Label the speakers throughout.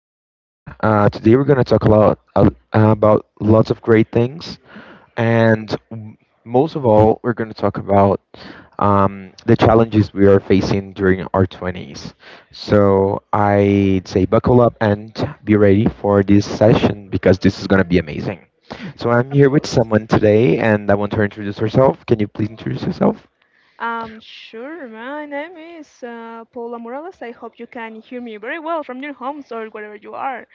Speaker 1: And Today we're going to talk a lot about lots of great things. And m- Most of all, we're going to talk about the challenges we are facing during our 20s. So I'd say buckle up and be ready for this session because this is going to be amazing. So I'm
Speaker 2: Of
Speaker 1: here with
Speaker 2: course.
Speaker 1: someone today, and I want her to introduce herself. Can you please introduce yourself?
Speaker 2: Sure. My name is Paula Morales. I hope you can hear me very well from your homes or wherever you are.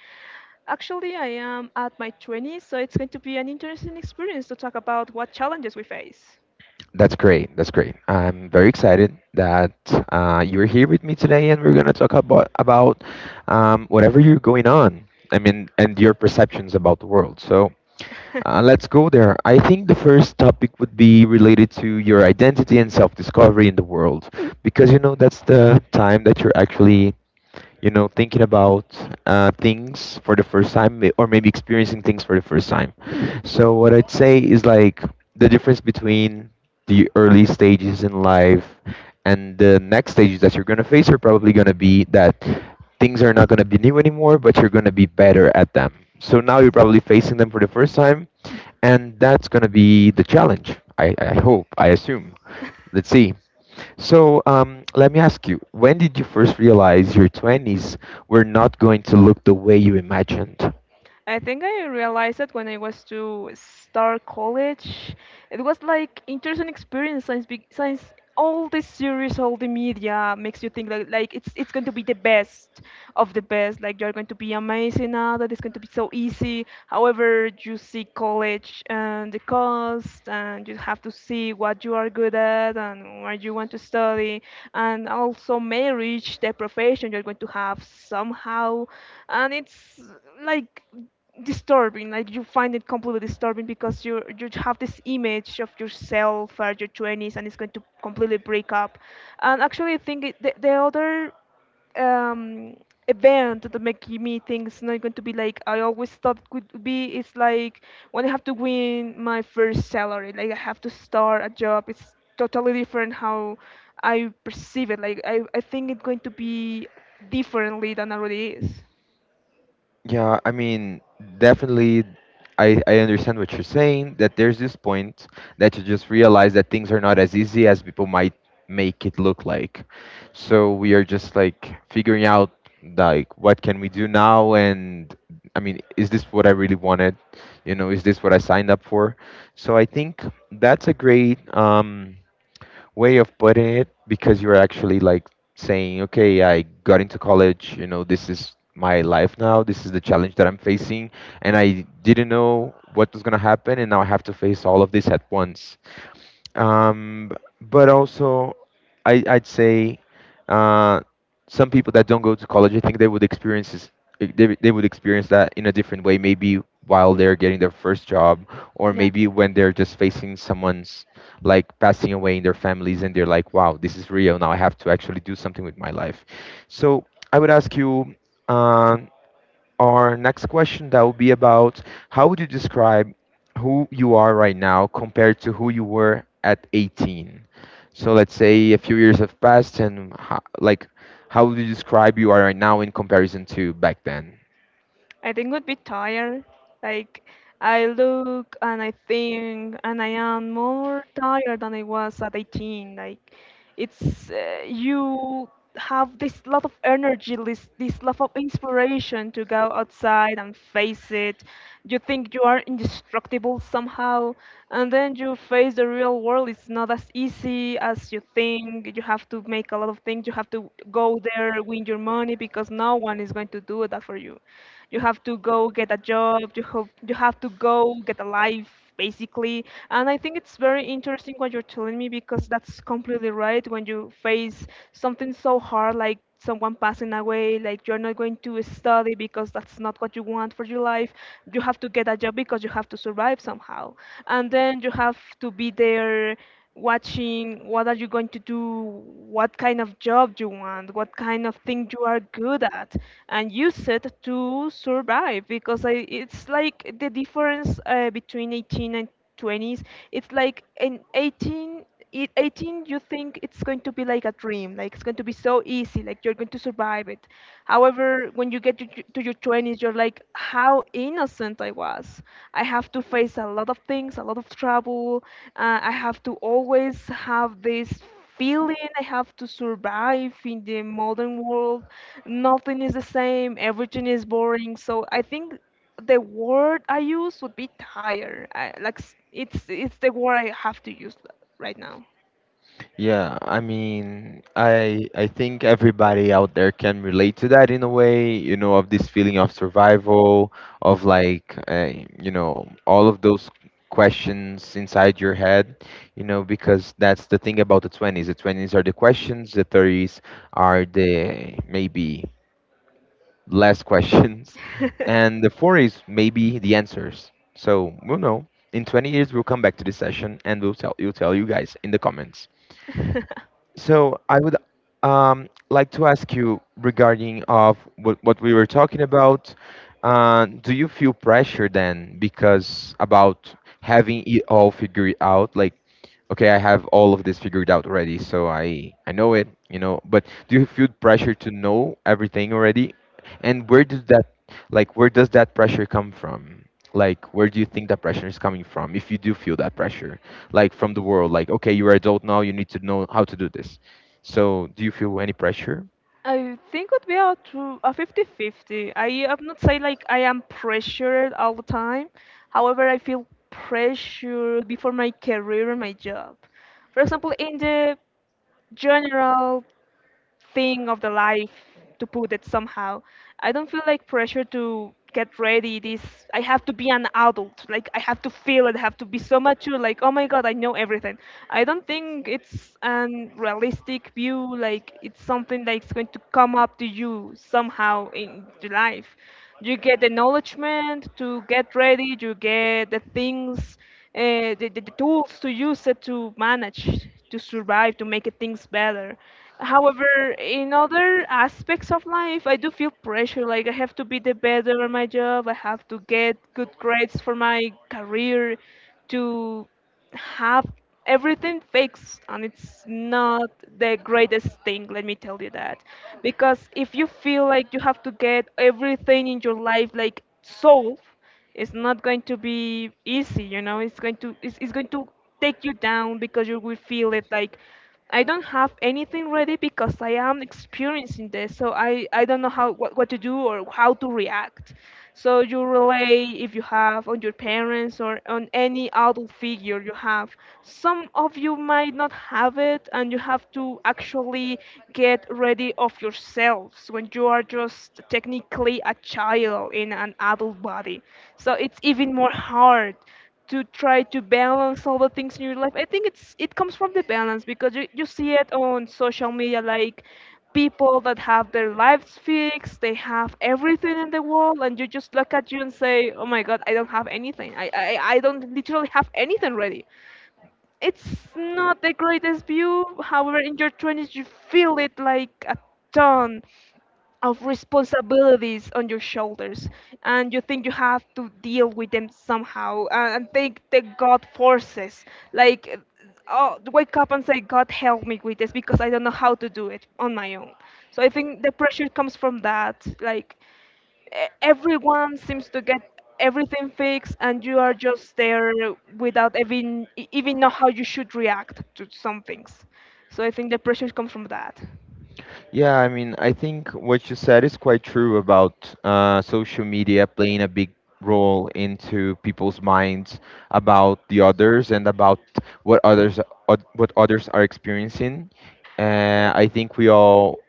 Speaker 2: Actually, I am at my 20s, so it's going to be an interesting experience to talk about what challenges we face.
Speaker 1: That's great. That's great. I'm very excited that you're here with me today, and we're gonna talk about whatever you're going on. I mean, and your perceptions about the world. So let's go there. I think the first topic would be related to your identity and self-discovery in the world, because you know that's the time that you're actually, you know, thinking about things for the first time, or maybe experiencing things for the first time. So what I'd say is like, the difference between the early stages in life and the next stages that you're going to face are probably going to be that things are not going to be new anymore, but you're going to be better at them. So now you're probably facing them for the first time, and that's going to be the challenge. I hope, I assume. Let's see. So let me ask you, when did you first realize your 20s were not going to look the way you imagined?
Speaker 2: I think I realized that when I was to start college. It was like interesting experience since since all the series, all the media makes you think that like it's going to be the best of the best. Like you're going to be amazing now, that it's going to be so easy. However, you see college and the cost, and you have to see what you are good at and what you want to study, and also marriage, the profession you're going to have somehow. And it's like disturbing. Like you find it completely disturbing because you have this image of yourself at your 20s and it's going to completely break up. And actually I think the other um event that make me think it's not going to be like I always thought it could be, it's like when I have to win my first salary, like I have to start a job. It's totally different how I perceive it, like I think it's going to be differently than already is.
Speaker 1: Yeah, I mean, definitely, I understand what you're saying, that there's this point that you just realize that things are not as easy as people might make it look like. So we are just like figuring out like what can we do now, and, I mean, is this what I really wanted? You know, is this what I signed up for? So I think that's a great way of putting it, because you're actually like saying, okay, I got into college, you know, this is my life now, this is the challenge that I'm facing, and I didn't know what was going to happen, and now I have to face all of this at once. um, but also, I'd say uh, some people that don't go to college, I think they would experience this, they would experience that in a different way, maybe while they're getting their first job, or maybe when they're just facing someone's like passing away in their families, and they're like, "Wow, this is real. Now I have to actually do something with my life." So I would ask you. uh, our next question that will be about, how would you describe who you are right now compared to who you were at 18? So let's say a few years have passed and like, how would you describe you are right now in comparison to back then?
Speaker 2: I think would be tired. Like I look and I think, and I am more tired than I was at 18. Like it's you have this lot of energy, this lot of inspiration to go outside and face it. You think you are indestructible somehow, and then you face the real world. It's not as easy as you think. You have to make a lot of things. You have to go there, win your money because no one is going to do that for you. You have to go get a job. You have to go get a life basically. And I think it's very interesting what you're telling me because that's completely right. When you face something so hard like someone passing away, like you're not going to study because that's not what you want for your life. You have to get a job because you have to survive somehow. And then you have to be there watching what are you going to do, what kind of job you want, what kind of thing you are good at, and use it to survive. Because I, it's like the difference between 18 and 20s. It's like in 18 you think it's going to be like a dream, like it's going to be so easy, like you're going to survive it. However, when you get to your 20s, you're like how innocent I was. I have to face a lot of things, a lot of trouble. I have to always have this feeling I have to survive in the modern world. Nothing is the same, everything is boring. So I think the word I use would be tired. It's the word I have to use right now.
Speaker 1: Yeah, I mean, I think everybody out there can relate to that in a way, you know, of this feeling of survival, of like, you know, all of those questions inside your head, you know, because that's the thing about the 20s. The 20s are the questions, the 30s are the maybe less questions, and the 40s maybe the answers. So, we'll know. In 20 years, we'll come back to this session and we'll tell you guys in the comments. So I would like to ask you regarding of what we were talking about. Do you feel pressure then because about having it all figured out? Like, okay, I have all of this figured out already, so I know it, you know. But do you feel pressure to know everything already? And where does that, like, where does that pressure come from? Like, where do you think that pressure is coming from, if you do feel that pressure, like from the world, like, okay, you're adult now, you need to know how to do this. So do you feel any pressure?
Speaker 2: I think would be a true a 50-50. I am not say like I am pressured all the time. However, I feel pressured before my career and my job. For example, in the general thing of the life, to put it somehow, I don't feel like pressure to get ready this. I have to be an adult, like I have to feel it. I have to be so mature, like oh my god, I know everything. I don't think it's an realistic view. Like it's something that's going to come up to you somehow in your life. You get the acknowledgement to get ready, you get the things, the tools to use it, to manage, to survive, to make it things better. However, in other aspects of life, I do feel pressure. Like I have to be the best at my job. I have to get good grades for my career, to have everything fixed, and it's not the greatest thing. Let me tell you that, because if you feel like you have to get everything in your life like solved, it's not going to be easy, you know. It's going to take you down because you will feel it like I don't have anything ready because I am experiencing this. So I don't know what to do or how to react. So you rely, if you have, on your parents or on any adult figure you have. Some of you might not have it and you have to actually get ready already of yourselves when you are just technically a child in an adult body. So it's even more hard to try to balance all the things in your life. I think it's it comes from the balance because you see it on social media like people that have their lives fixed, they have everything in the world, and you just look at you and say, oh my god, I don't have anything. I don't literally have anything ready. It's not the greatest view. However, in your 20s, you feel it like a ton of responsibilities on your shoulders, and you think you have to deal with them somehow. And think that god forces, like, oh, wake up and say god help me with this because I don't know how to do it on my own. So I think the pressure comes from that, like everyone seems to get everything fixed and you are just there without even know how you should react to some things. So I think the pressure comes from that.
Speaker 1: Yeah, I mean, I think what you said is quite true about social media playing a big role into people's minds, about the others and about what others, what others are experiencing. I think we all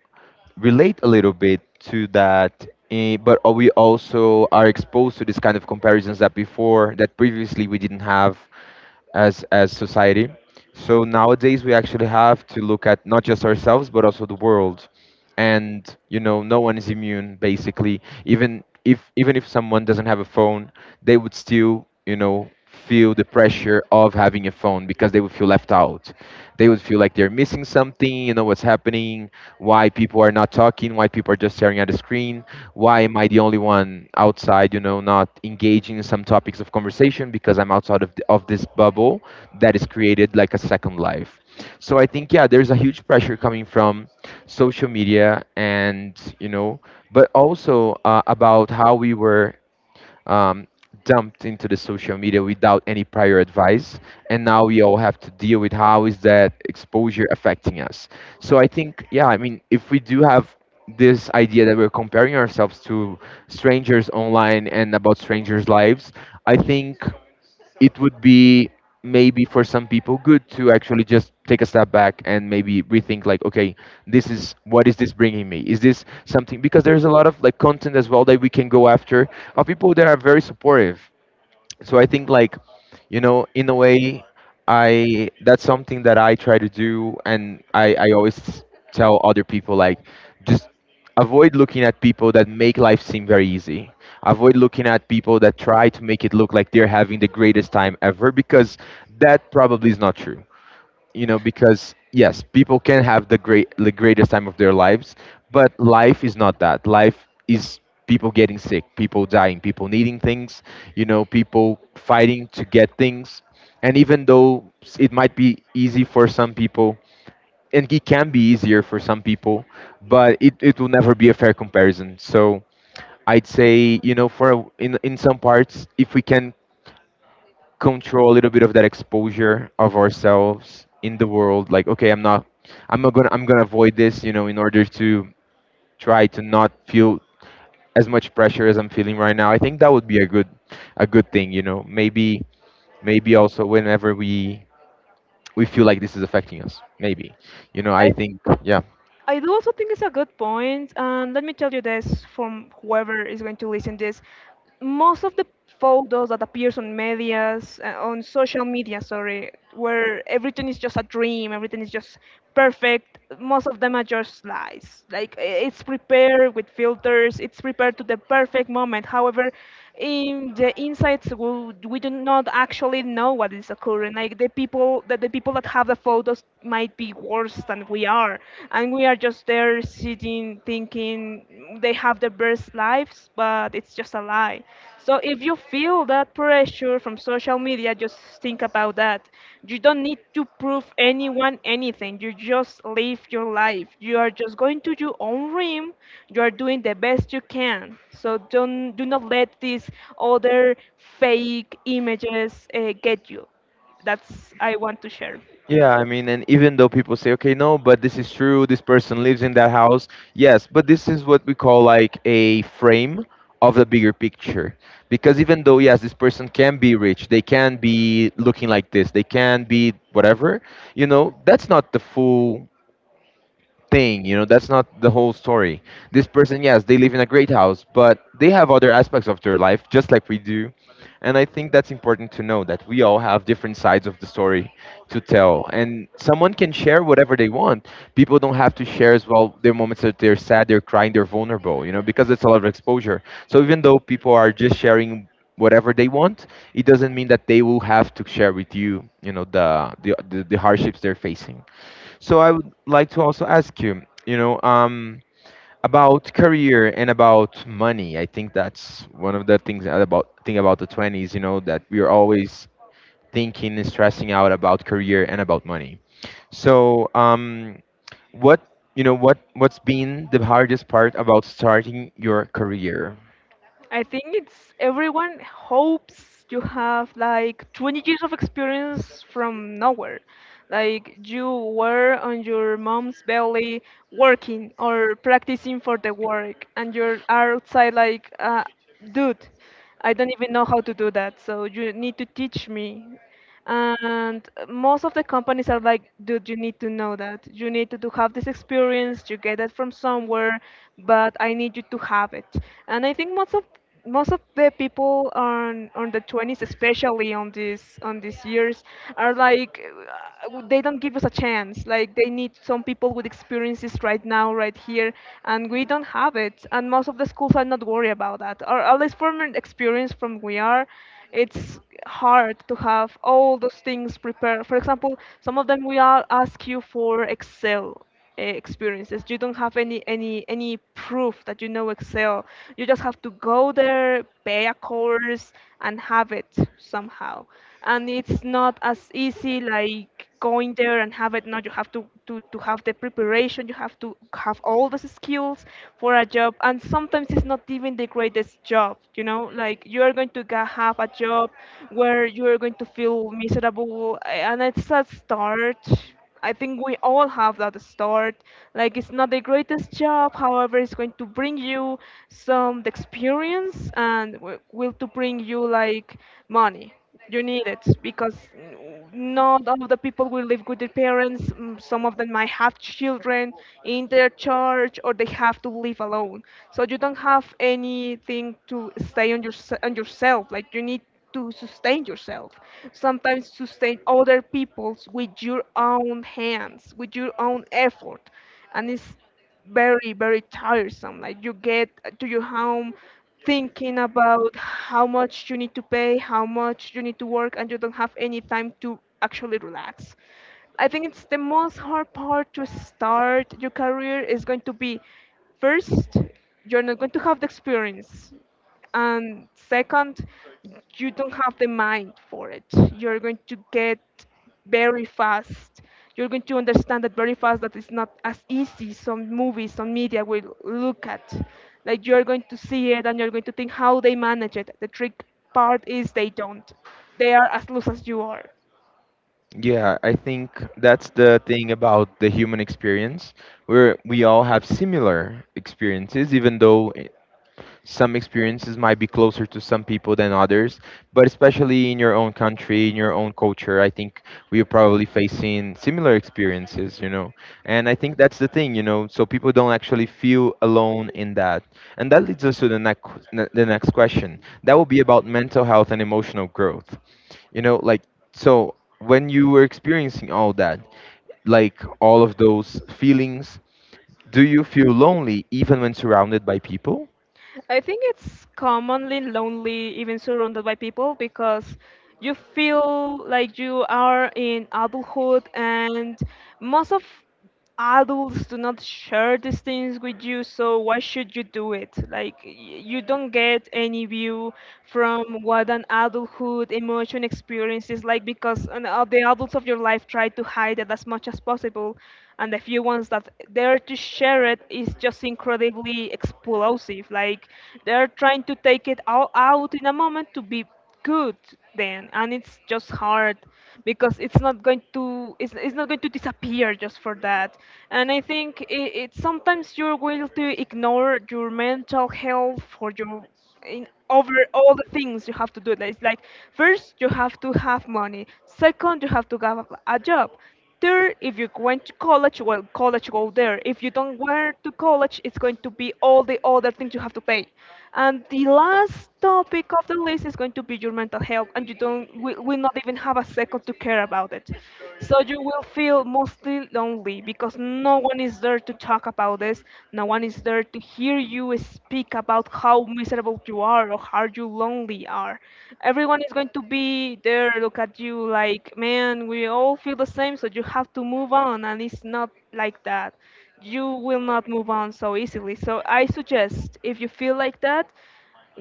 Speaker 1: relate a little bit to that, but we also are exposed to this kind of comparisons that, before that, previously we didn't have as society. So nowadays we actually have to look at not just ourselves but also the world. And you know, no one is immune, basically. Even if, someone doesn't have a phone, they would still, you know, feel the pressure of having a phone because they would feel left out. They would feel like they're missing something, you know, what's happening, why people are not talking, why people are just staring at the screen, why am I the only one outside, you know, not engaging in some topics of conversation because I'm outside of, of this bubble that is created like a second life. So I think, yeah, there's a huge pressure coming from social media and, you know, but also about how we were um, dumped into the social media without any prior advice, and now we all have to deal with how is that exposure affecting us. So I think, yeah, I mean, if we do have this idea that we're comparing ourselves to strangers online and about strangers lives, I think it would be, maybe for some people, good to actually just take a step back and maybe rethink like, okay, this is, what is this bringing me, is this something, because there's a lot of like content as well that we can go after, of people that are very supportive. So I think like, you know, in a way, I that's something that I try to do, and I always tell other people like, just avoid looking at people that make life seem very easy, avoid looking at people that try to make it look like they're having the greatest time ever, because that probably is not true. You know, because yes, people can have the great, the greatest time of their lives, but life is not that. Life is people getting sick, people dying, people needing things, you know, people fighting to get things. And even though it might be easy for some people, and it can be easier for some people, but it will never be a fair comparison. So I'd say, you know, for in some parts, if we can control a little bit of that exposure of ourselves in the world, like, okay, I'm not, I'm not gonna I'm gonna avoid this, you know, in order to try to not feel as much pressure as I'm feeling right now, I think that would be a good, a good thing, you know. Maybe, maybe also whenever we feel like this is affecting us, maybe, you know, I think yeah.
Speaker 2: I do also think it's a good point, and let me tell you this from whoever is going to listen this. Most of the photos that appears on medias, on social media, sorry, where everything is just a dream, everything is just perfect. Most of them are just lies. It's prepared with filters, it's prepared to the perfect moment. However, in the insights, we do not actually know what is occurring. Like the people that have the photos might be worse than we are, and we are just there sitting thinking they have the best lives, but it's just a lie. So if you feel that pressure from social media, just think about that. You don't need to prove anyone anything. You just live your life, you are just going to your own rim, you are doing the best you can. So don't, do not let these other fake images get you. That's I want to share.
Speaker 1: Yeah, I mean, and even though people say, okay, no, but this is true, this person lives in that house, yes, but this is what we call like a frame of the bigger picture. Because even though, yes, this person can be rich, they can be looking like this, they can be whatever, you know, that's not the full thing, you know, that's not the whole story. This person, yes, they live in a great house, but they have other aspects of their life just like we do. And I think that's important to know, that we all have different sides of the story to tell, and someone can share whatever they want. People don't have to share as well their moments that they're sad, they're crying, they're vulnerable, you know, because it's a lot of exposure. So even though people are just sharing whatever they want, it doesn't mean that they will have to share with you, you know, the hardships they're facing. So I would like to also ask you, you know, about career and about money. I think that's one of the things that, about thing about the 20s, you know, that we are always thinking and stressing out about career and about money. So, what, you know, what's been the hardest part about starting your career?
Speaker 2: I think it's everyone hopes you have like 20 years of experience from nowhere. Like you were on your mom's belly working or practicing for the work, and you're outside like, dude, I don't even know how to do that, so you need to teach me. And most of the companies are like, dude, you need to know that, you need to have this experience, you get it from somewhere, but I need you to have it. And I think most of the people on the 20s, especially on these years, are like, they don't give us a chance. Like they need some people with experiences right now, right here, and we don't have it. And most of the schools are not worried about that, or at least from an experience from we are. It's hard to have all those things prepared. For example, some of them ask you for Excel experiences. You don't have any proof that you know Excel. You just have to go there, pay a course, and have it somehow. And it's not as easy like going there and have it. No, you have to have the preparation. You have to have all the skills for a job. And sometimes it's not even the greatest job. You know, like you are going to have a job where you're going to feel miserable and it's a start. I think we all have that start. Like it's not the greatest job, however it's going to bring you some experience and will to bring you like money. You need it because, not all of the people will live with their parents. Some of them might have children in their charge, or they have to live alone. So you don't have anything to stay on your on yourself. Like you need to sustain yourself. Sometimes sustain other people's with your own hands, with your own effort, and it's very very tiresome like you get to your home thinking about how much you need to pay how much you need to work and you don't have any time to actually relax. I think it's the most hard part to start your career is going to be, first, you're not going to have the experience, and second, you don't have the mind for it. You're going to get very fast, you're going to understand that very fast, that it's not as easy some movies some media will look at. Like you're going to see it and you're going to think how they manage it. The trick part is they don't, they are as loose as you are.
Speaker 1: Yeah, I think that's the thing about the human experience, where we all have similar experiences, even though some experiences might be closer to some people than others, but especially in your own country, in your own culture, I think we are probably facing similar experiences, you know. And I think that's the thing, you know, so people don't actually feel alone in that. And that leads us to the next, the next question. That will be about mental health and emotional growth. You know, like so when you were experiencing all that, like all of those feelings, do you feel lonely even when surrounded by people?
Speaker 2: I think it's commonly lonely, even surrounded by people, because you feel like you are in adulthood, and most of adults do not share these things with you. So why should you do it? Like you don't get any view from what an adulthood emotion experience is like because the adults of your life tried to hide it as much as possible, and the few ones that dare to share it is just incredibly explosive. Like they're trying to take it all out in a moment to be good then and it's just hard because it's not going to, it's not going to disappear just for that. And I think it sometimes you're going to ignore your mental health for your, in over all the things you have to do. It's like first you have to have money. Second, you have to have a job. Third, if you went to college, well, college go there. If you don't went to college, it's going to be all the other things you have to pay. And the last topic of the list is going to be your mental health, and you don't will not even have a second to care about it. So you will feel mostly lonely because no one is there to talk about this. No one is there to hear you speak about how miserable you are or how you lonely are. Everyone is going to be there, look at you like, man, we all feel the same, so you have to move on. And it's not like that. You will not move on so easily. So I suggest if you feel like that,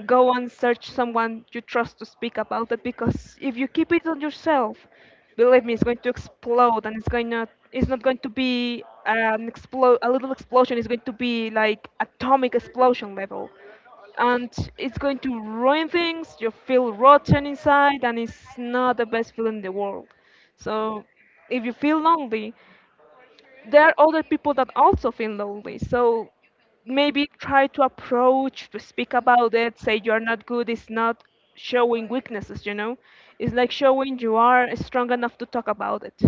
Speaker 2: go and search someone you trust to speak about it, because if you keep it on yourself, believe me, it's going to explode, and it's going to, it's not going to be an explode, a little explosion, it's going to be like atomic explosion level. And it's going to ruin things, you feel rotten inside, and it's not the best feeling in the world. So if you feel lonely, there are other people that also feel lonely. So maybe try to approach, to speak about it, say you're not good, it's not showing weaknesses, you know? It's like showing you are strong enough to talk about it.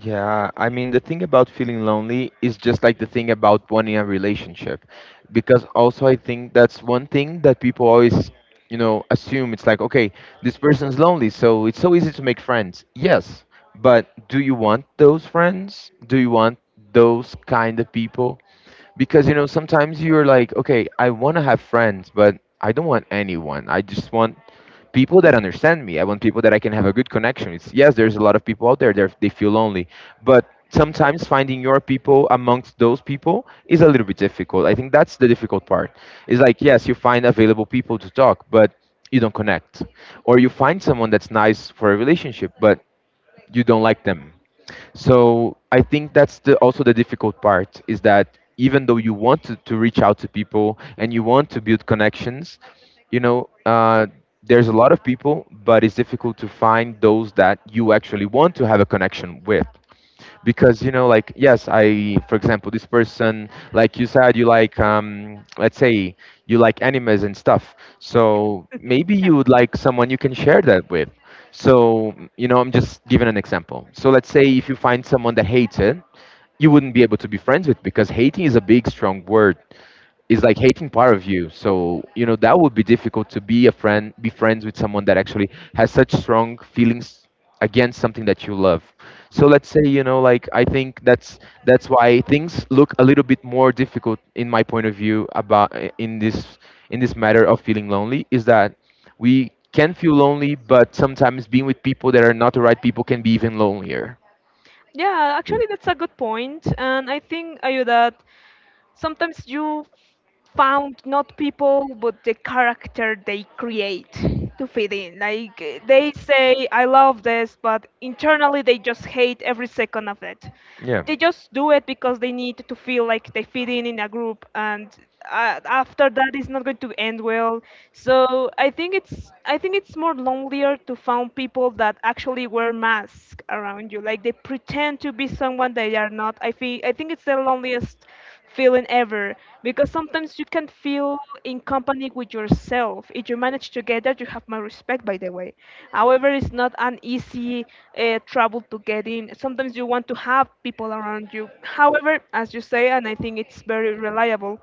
Speaker 1: Yeah, I mean, the thing about feeling lonely is just like the thing about wanting a relationship. Because also, I think that's one thing that people always, you know, assume it's like, okay, this person's lonely, so it's so easy to make friends. Yes, but do you want those friends? Do you want those kind of people? Because, you know, sometimes you're like, okay, I want to have friends, but I don't want anyone. I just want people that understand me. I want people that I can have a good connection. There's a lot of people out there that they feel lonely, but sometimes finding your people amongst those people is a little bit difficult. I think that's the difficult part. It's like yes, you find available people to talk, but you don't connect, or you find someone that's nice for a relationship, but you don't like them. So I think that's the, also the difficult part is that even though you want to reach out to people and you want to build connections, you know, there's a lot of people, but it's difficult to find those that you actually want to have a connection with because you know like yes I for example this person like you said you like let's say you like animes and stuff so maybe you would like someone you can share that with. So you know I'm just giving an example. So let's say if you find someone that hates it, you wouldn't be able to be friends with because hating is a big strong word, is like hating part of you. So you know that would be difficult to be a friend, be friends with someone that actually has such strong feelings against something that you love. So let's say you know like I think that's why things look a little bit more difficult in my point of view about in this matter of feeling lonely is that we can feel lonely, but sometimes being with people that are not the right people can be even lonelier.
Speaker 2: Yeah, actually, that's a good point, and I think, Ayu, that sometimes you found not people but the character they create to fit in. Like they say, I love this, but internally they just hate every second of it.
Speaker 1: Yeah.
Speaker 2: They just do it because they need to feel like they fit in a group, and after that it's not going to end well. So I think it's more lonelier to find people that actually wear masks around you, like they pretend to be someone they are not. I think it's the loneliest feeling ever, because sometimes you can feel in company with yourself. If you manage to get that, you have my respect, by the way. However, it's not an easy trouble to get in. Sometimes you want to have people around you, however, as you say, and I think it's very reliable,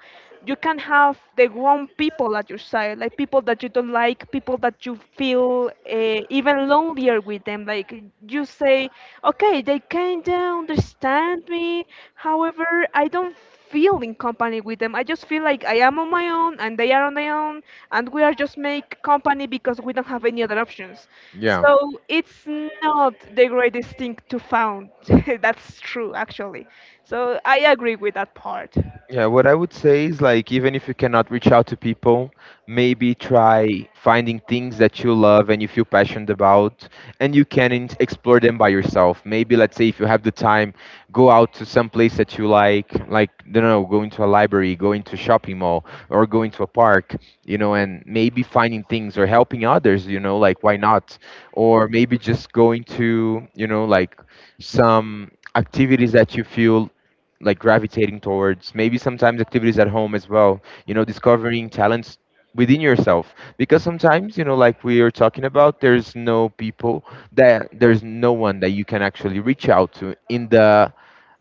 Speaker 2: you can have the wrong people at your side, like people that you don't like, people that you feel even lonelier with them. Like you say, okay, they kind of understand me. However, I don't feel in company with them. I just feel like I am on my own and they are on their own, and we are just make company because we don't have any other options.
Speaker 1: Yeah.
Speaker 2: So it's not the greatest thing to found. That's true, actually. So I agree with that part.
Speaker 1: Yeah, what I would say is like even if you cannot reach out to people, maybe try finding things that you love and you feel passionate about, and you can explore them by yourself. Maybe let's say if you have the time, go out to some place that you like I don't know, going to a library, going to a shopping mall, or going to a park, you know, and maybe finding things or helping others, you know, like why not? Or maybe just going to, you know, like some activities that you feel like gravitating towards, maybe sometimes activities at home as well. You know, discovering talents within yourself because sometimes you know like we are talking about there's no one that you can actually reach out to in the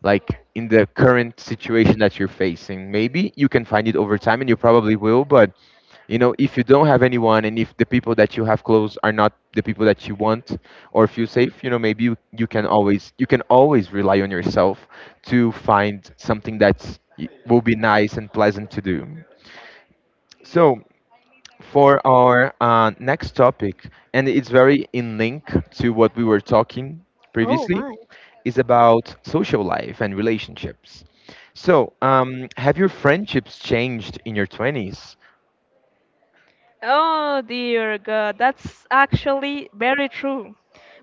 Speaker 1: like in the current situation that you're facing. Maybe you can find it over time and you probably will. But you know, if you don't have anyone and if the people that you have close are not the people that you want or feel safe, you know, maybe you can always, you can always rely on yourself to find something that's will be nice and pleasant to do. So for our next topic, and it's very in link to what we were talking
Speaker 2: Oh
Speaker 1: previously,
Speaker 2: my.
Speaker 1: is about social life and relationships. So have your friendships changed in your 20s?
Speaker 2: Oh dear God, that's actually very true.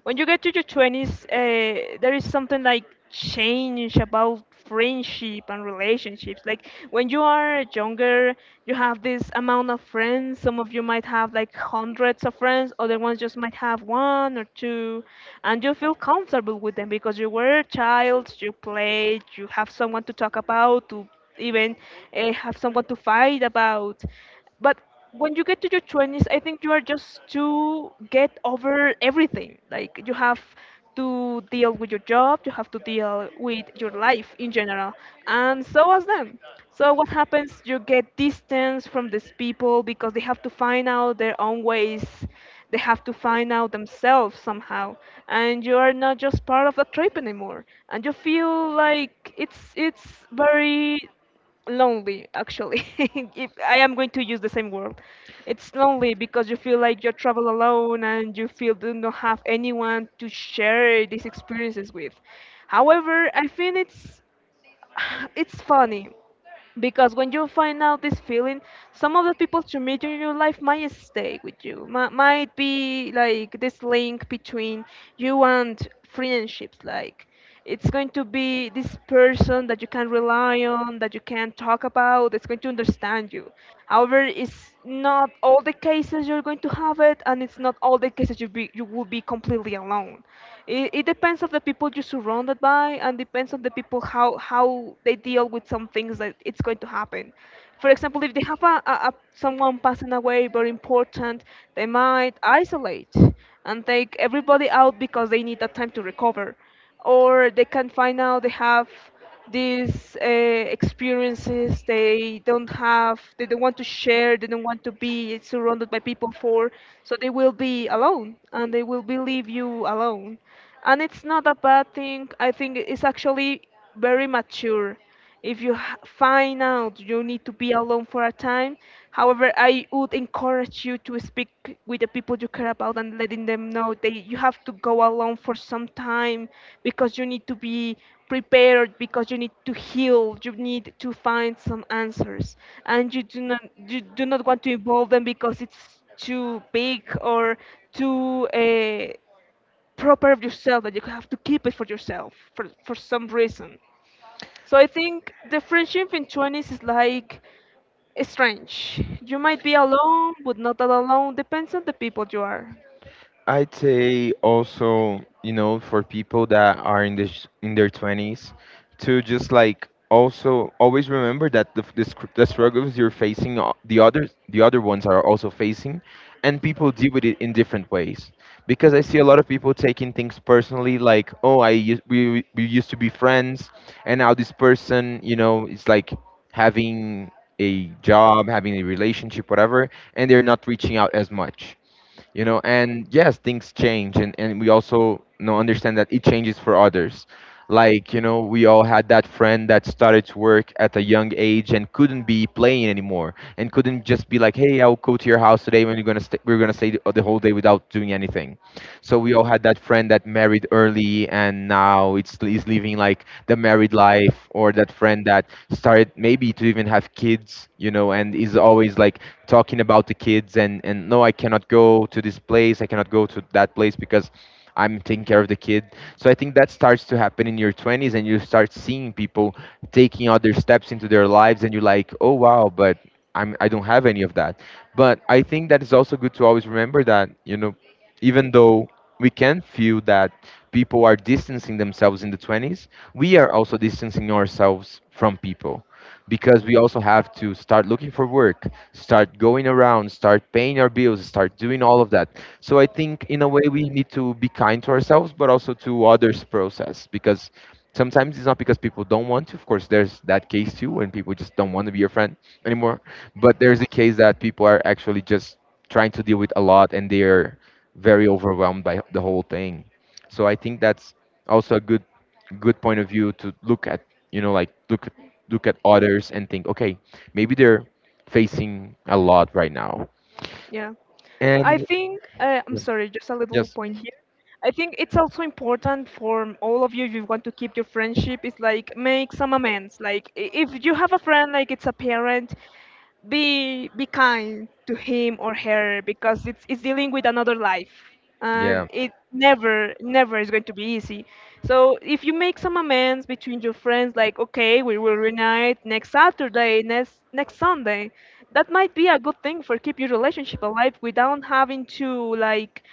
Speaker 2: When you get to your 20s, there is something like change about friendship and relationships. Like when you are younger, you have this amount of friends. Some of you might have like hundreds of friends, other ones just might have one or two, and you feel comfortable with them because you were a child, you played, you have someone to talk about, to even have someone to fight about. But when you get to your 20s, I think you are just to get over everything. Like you have to deal with your job, you have to deal with your life in general, and so as them. So what happens? You get distance from these people because they have to find out their own ways. They have to find out themselves somehow, and you are not just part of the trip anymore. And you feel like it's very lonely actually if I am going to use the same word. It's lonely because you feel like you travel alone and you feel do not have anyone to share these experiences with. However, I think it's it's funny because when you find out this feeling, some of the people you meet in your life might stay with you. Might be like this link between you and friendships. Like it's going to be this person that you can rely on, that you can talk about. That's going to understand you. However, it's not all the cases you're going to have it, and it's not all the cases you will be completely alone. It depends on the people you're surrounded by, and depends on the people how they deal with some things that it's going to happen. For example, if they have a someone passing away very important, they might isolate and take everybody out because they need that time to recover, or they can find out they have these experiences they don't have, they don't want to share, they don't want to be surrounded by people for, so they will be alone and they will be leave you alone. And it's not a bad thing, I think it's actually very mature if you find out you need to be alone for a time. However, I would encourage you to speak with the people you care about and letting them know that you have to go alone for some time because you need to be prepared, because you need to heal, you need to find some answers, and you do not want to involve them because it's too big or too. Proper of yourself that you have to keep it for yourself for some reason. So I think the friendship in 20s is like strange. You might be alone, but not all alone. Depends on the people you are.
Speaker 1: I'd say also, you know, for people that are in this in their 20s, to just like also always remember that the struggles you're facing the other ones are also facing, and people deal with it in different ways. Because I see a lot of people taking things personally, like oh I used we used to be friends and now this person, you know, is like having a job, having a relationship, whatever, and they're not reaching out as much. You know, and yes things change, and we also, you know, understand that it changes for others. Like you know we all had that friend that started to work at a young age and couldn't be playing anymore and couldn't just be like hey I'll go to your house today when we're gonna stay the whole day without doing anything. So we all had that friend that married early and now it's is living like the married life, or that friend that started maybe to even have kids, you know, and is always like talking about the kids, and no I cannot go to this place, I cannot go to that place because I'm taking care of the kid. So I think that starts to happen in your 20s and you start seeing people taking other steps into their lives and you're like oh wow, but I don't have any of that. But I think that it's also good to always remember that you know, even though we can feel that people are distancing themselves in the 20s, we are also distancing ourselves from people, because we also have to start looking for work, start going around, start paying our bills, start doing all of that. So I think in a way we need to be kind to ourselves, but also to others' process, because sometimes it's not because people don't want to. Of course, there's that case too when people just don't want to be your friend anymore. But there's a case that people are actually just trying to deal with a lot and they're very overwhelmed by the whole thing. So I think that's also a good good point of view to look at. You know, like look at others and think, okay, maybe they're facing a lot right now.
Speaker 2: Yeah. I
Speaker 1: And
Speaker 2: think, I'm sorry, just a little
Speaker 1: yes,
Speaker 2: point here. I think it's also important for all of you if you want to keep your friendship is like make some amends. Like if you have a friend like it's a parent, be kind to him or her because it's dealing with another life. And
Speaker 1: yeah,
Speaker 2: it never never is going to be easy. So if you make some amends between your friends, like okay, we will reunite next Saturday, next Sunday, that might be a good thing for keep your relationship alive without having to like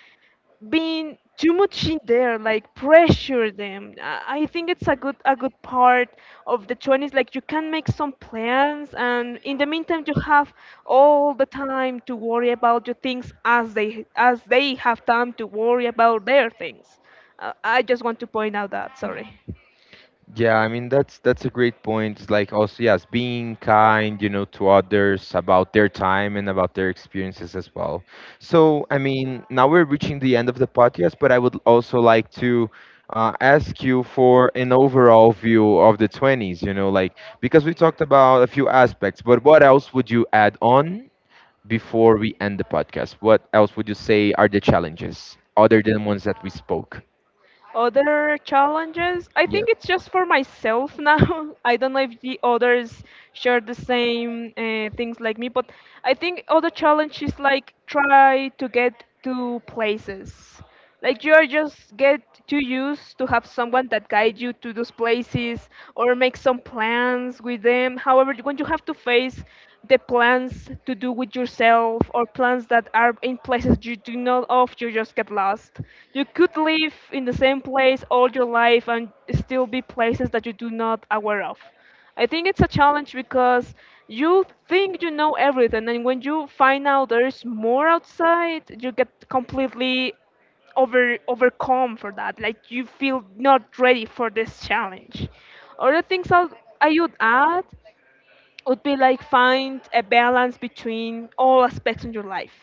Speaker 2: being too much in there, like pressure them. I think it's a good part of the 20s. Like you can make some plans, and in the meantime, you have all the time to worry about your things as they have time to worry about their things. I just want to point out that. Sorry.
Speaker 1: yeah, I mean that's a great point. It's like also yes, being kind, you know, to others about their time and about their experiences as well. So I mean, now we're reaching the end of the podcast, but I would also like to ask you for an overall view of the 20s. You know, like because we talked about a few aspects, but what else would you add on before we end the podcast? What else would you say are the challenges other than ones that we spoke?
Speaker 2: Other challenges? I think
Speaker 1: Yes.
Speaker 2: it's just for myself now. I don't know if the others share the same things like me, but I think other challenge is like try to get to places. Like you are just get too used to have someone that guide you to those places or make some plans with them. However, when you have to face the plans to do with yourself or plans that are in places you do not of, you just get lost. You could live in the same place all your life and still be places that you do not aware of. I think it's a challenge because you think you know everything, and when you find out there's more outside you get completely overcome for that. Like, you feel not ready for this challenge. Other things I would add would be like find a balance between all aspects in your life,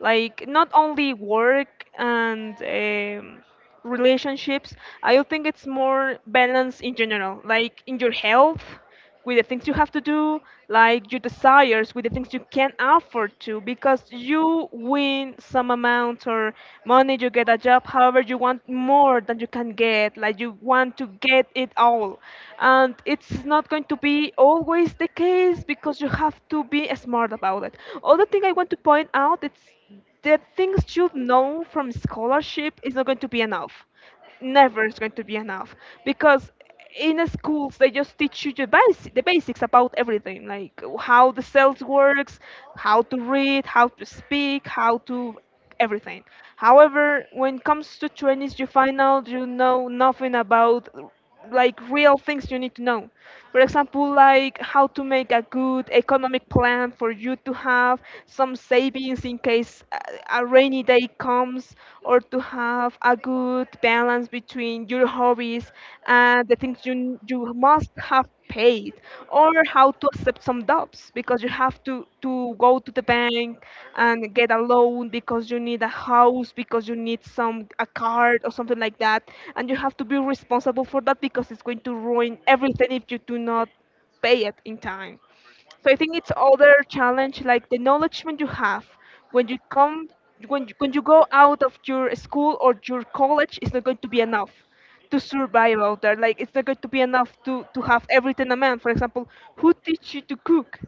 Speaker 2: like not only work and
Speaker 1: Relationships
Speaker 2: relationships. I
Speaker 1: are
Speaker 2: don't think it's more balance in general,
Speaker 1: important,
Speaker 2: like in your
Speaker 1: but your health
Speaker 2: health with the
Speaker 1: is
Speaker 2: things you have to
Speaker 1: something
Speaker 2: do,
Speaker 1: like
Speaker 2: like your
Speaker 1: foundation.
Speaker 2: desires with the things you can afford to, because
Speaker 1: Because you,
Speaker 2: you
Speaker 1: with
Speaker 2: win
Speaker 1: some
Speaker 2: some
Speaker 1: of them,
Speaker 2: amount or
Speaker 1: want to
Speaker 2: money, you get a job, however
Speaker 1: get
Speaker 2: you
Speaker 1: more,
Speaker 2: want more than you can
Speaker 1: get
Speaker 2: get, like you
Speaker 1: one,
Speaker 2: want to
Speaker 1: get
Speaker 2: get it
Speaker 1: all.
Speaker 2: all.
Speaker 1: It's
Speaker 2: And it's
Speaker 1: not
Speaker 2: not going
Speaker 1: to
Speaker 2: to
Speaker 1: be
Speaker 2: be
Speaker 1: old, it's
Speaker 2: always the
Speaker 1: because
Speaker 2: case because you have
Speaker 1: to
Speaker 2: to be
Speaker 1: be a smart
Speaker 2: smart about
Speaker 1: one.
Speaker 2: it. Other
Speaker 1: Only
Speaker 2: thing I want to
Speaker 1: the point
Speaker 2: point
Speaker 1: now
Speaker 2: out,
Speaker 1: is
Speaker 2: it's the
Speaker 1: that you know what
Speaker 2: things you
Speaker 1: you're
Speaker 2: know from scholarship is not
Speaker 1: going to
Speaker 2: going
Speaker 1: be.
Speaker 2: to be enough. Never is going to be enough, because in the schools they just teach you the basics about everything, like how the cells works, how to read, how to speak, how to everything. However, when it comes to trainees, you find out you know nothing about, like, real things you need to know. For example, like how to make a good economic plan for you to have some savings in case a rainy day comes, or to have a good balance between your hobbies and the things you must have paid, or how to accept some debts because you have to go to the bank and get a loan because you need a house, because you need some a card or something like that, and you have to be responsible for that because it's going to ruin everything if you do not pay it in time. So I think it's other challenge, like the knowledge when you have when you come when you go out of your school or your college is not going to be enough to survive out there. Like, it's not going to be enough to have everything, a man. For example, who teach you to cook?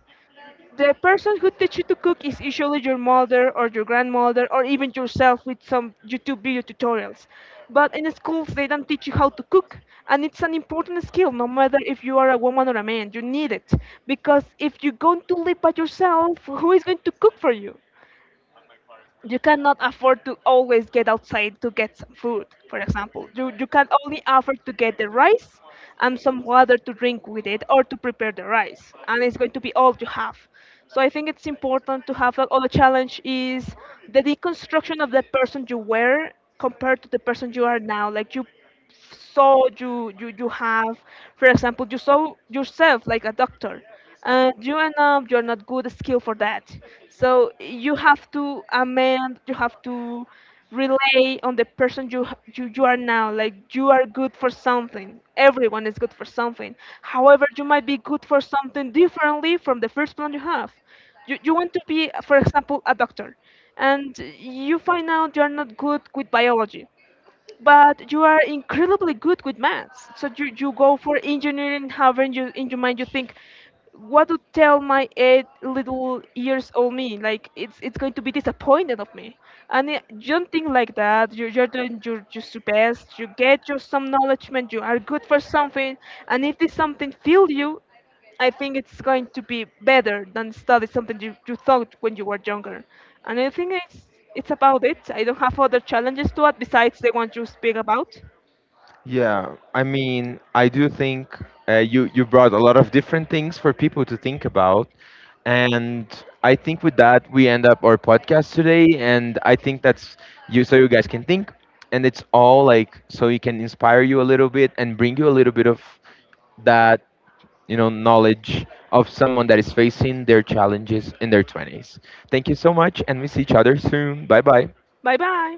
Speaker 2: The person who teach you to cook is usually your mother or your grandmother, or even yourself with some YouTube video tutorials. But in schools they don't teach you how to cook, and it's an important skill, no matter if you are a woman or a man. You need it because if you're going to live by yourself, who is going to cook for you? You cannot afford to always get outside to get some food, for example. You can only afford to get the rice and some water to drink with it, or to prepare the rice, and it's going to be all you have. So I think it's important to have, like, all the challenge is the deconstruction of the person you were compared to the person you are now. Like so you you have, for example, you saw yourself like a doctor and you end up you're not good skill for that, so you have to amend, you have to rely on the person you are now. Like, you are good for something, everyone is good for something. However, you might be good for something differently from the first plan you have. You want to be, for example, a doctor, and you find out you're not good with biology, but you are incredibly good with maths. So you go for engineering. However, in your mind you think, what to tell my 8 little years old me? Like, it's going to be disappointed of me. You don't think like that. You're doing your just your best. You get your some knowledge, man. You are good for something. And if this something fail you, I think it's going to be better than study something you thought when you were younger. And I think it's about it. I don't have other challenges to add besides the ones you speak about.
Speaker 1: Yeah, I mean, I do think you brought a lot of different things for people to think about, and I think with that we end up our podcast today. And I think that's you, so you guys can think, and it's all like so you can inspire you a little bit and bring you a little bit of that you know knowledge of someone that is facing their challenges in their 20s. Thank you so much, and we see each other soon. Bye bye.
Speaker 2: Bye bye.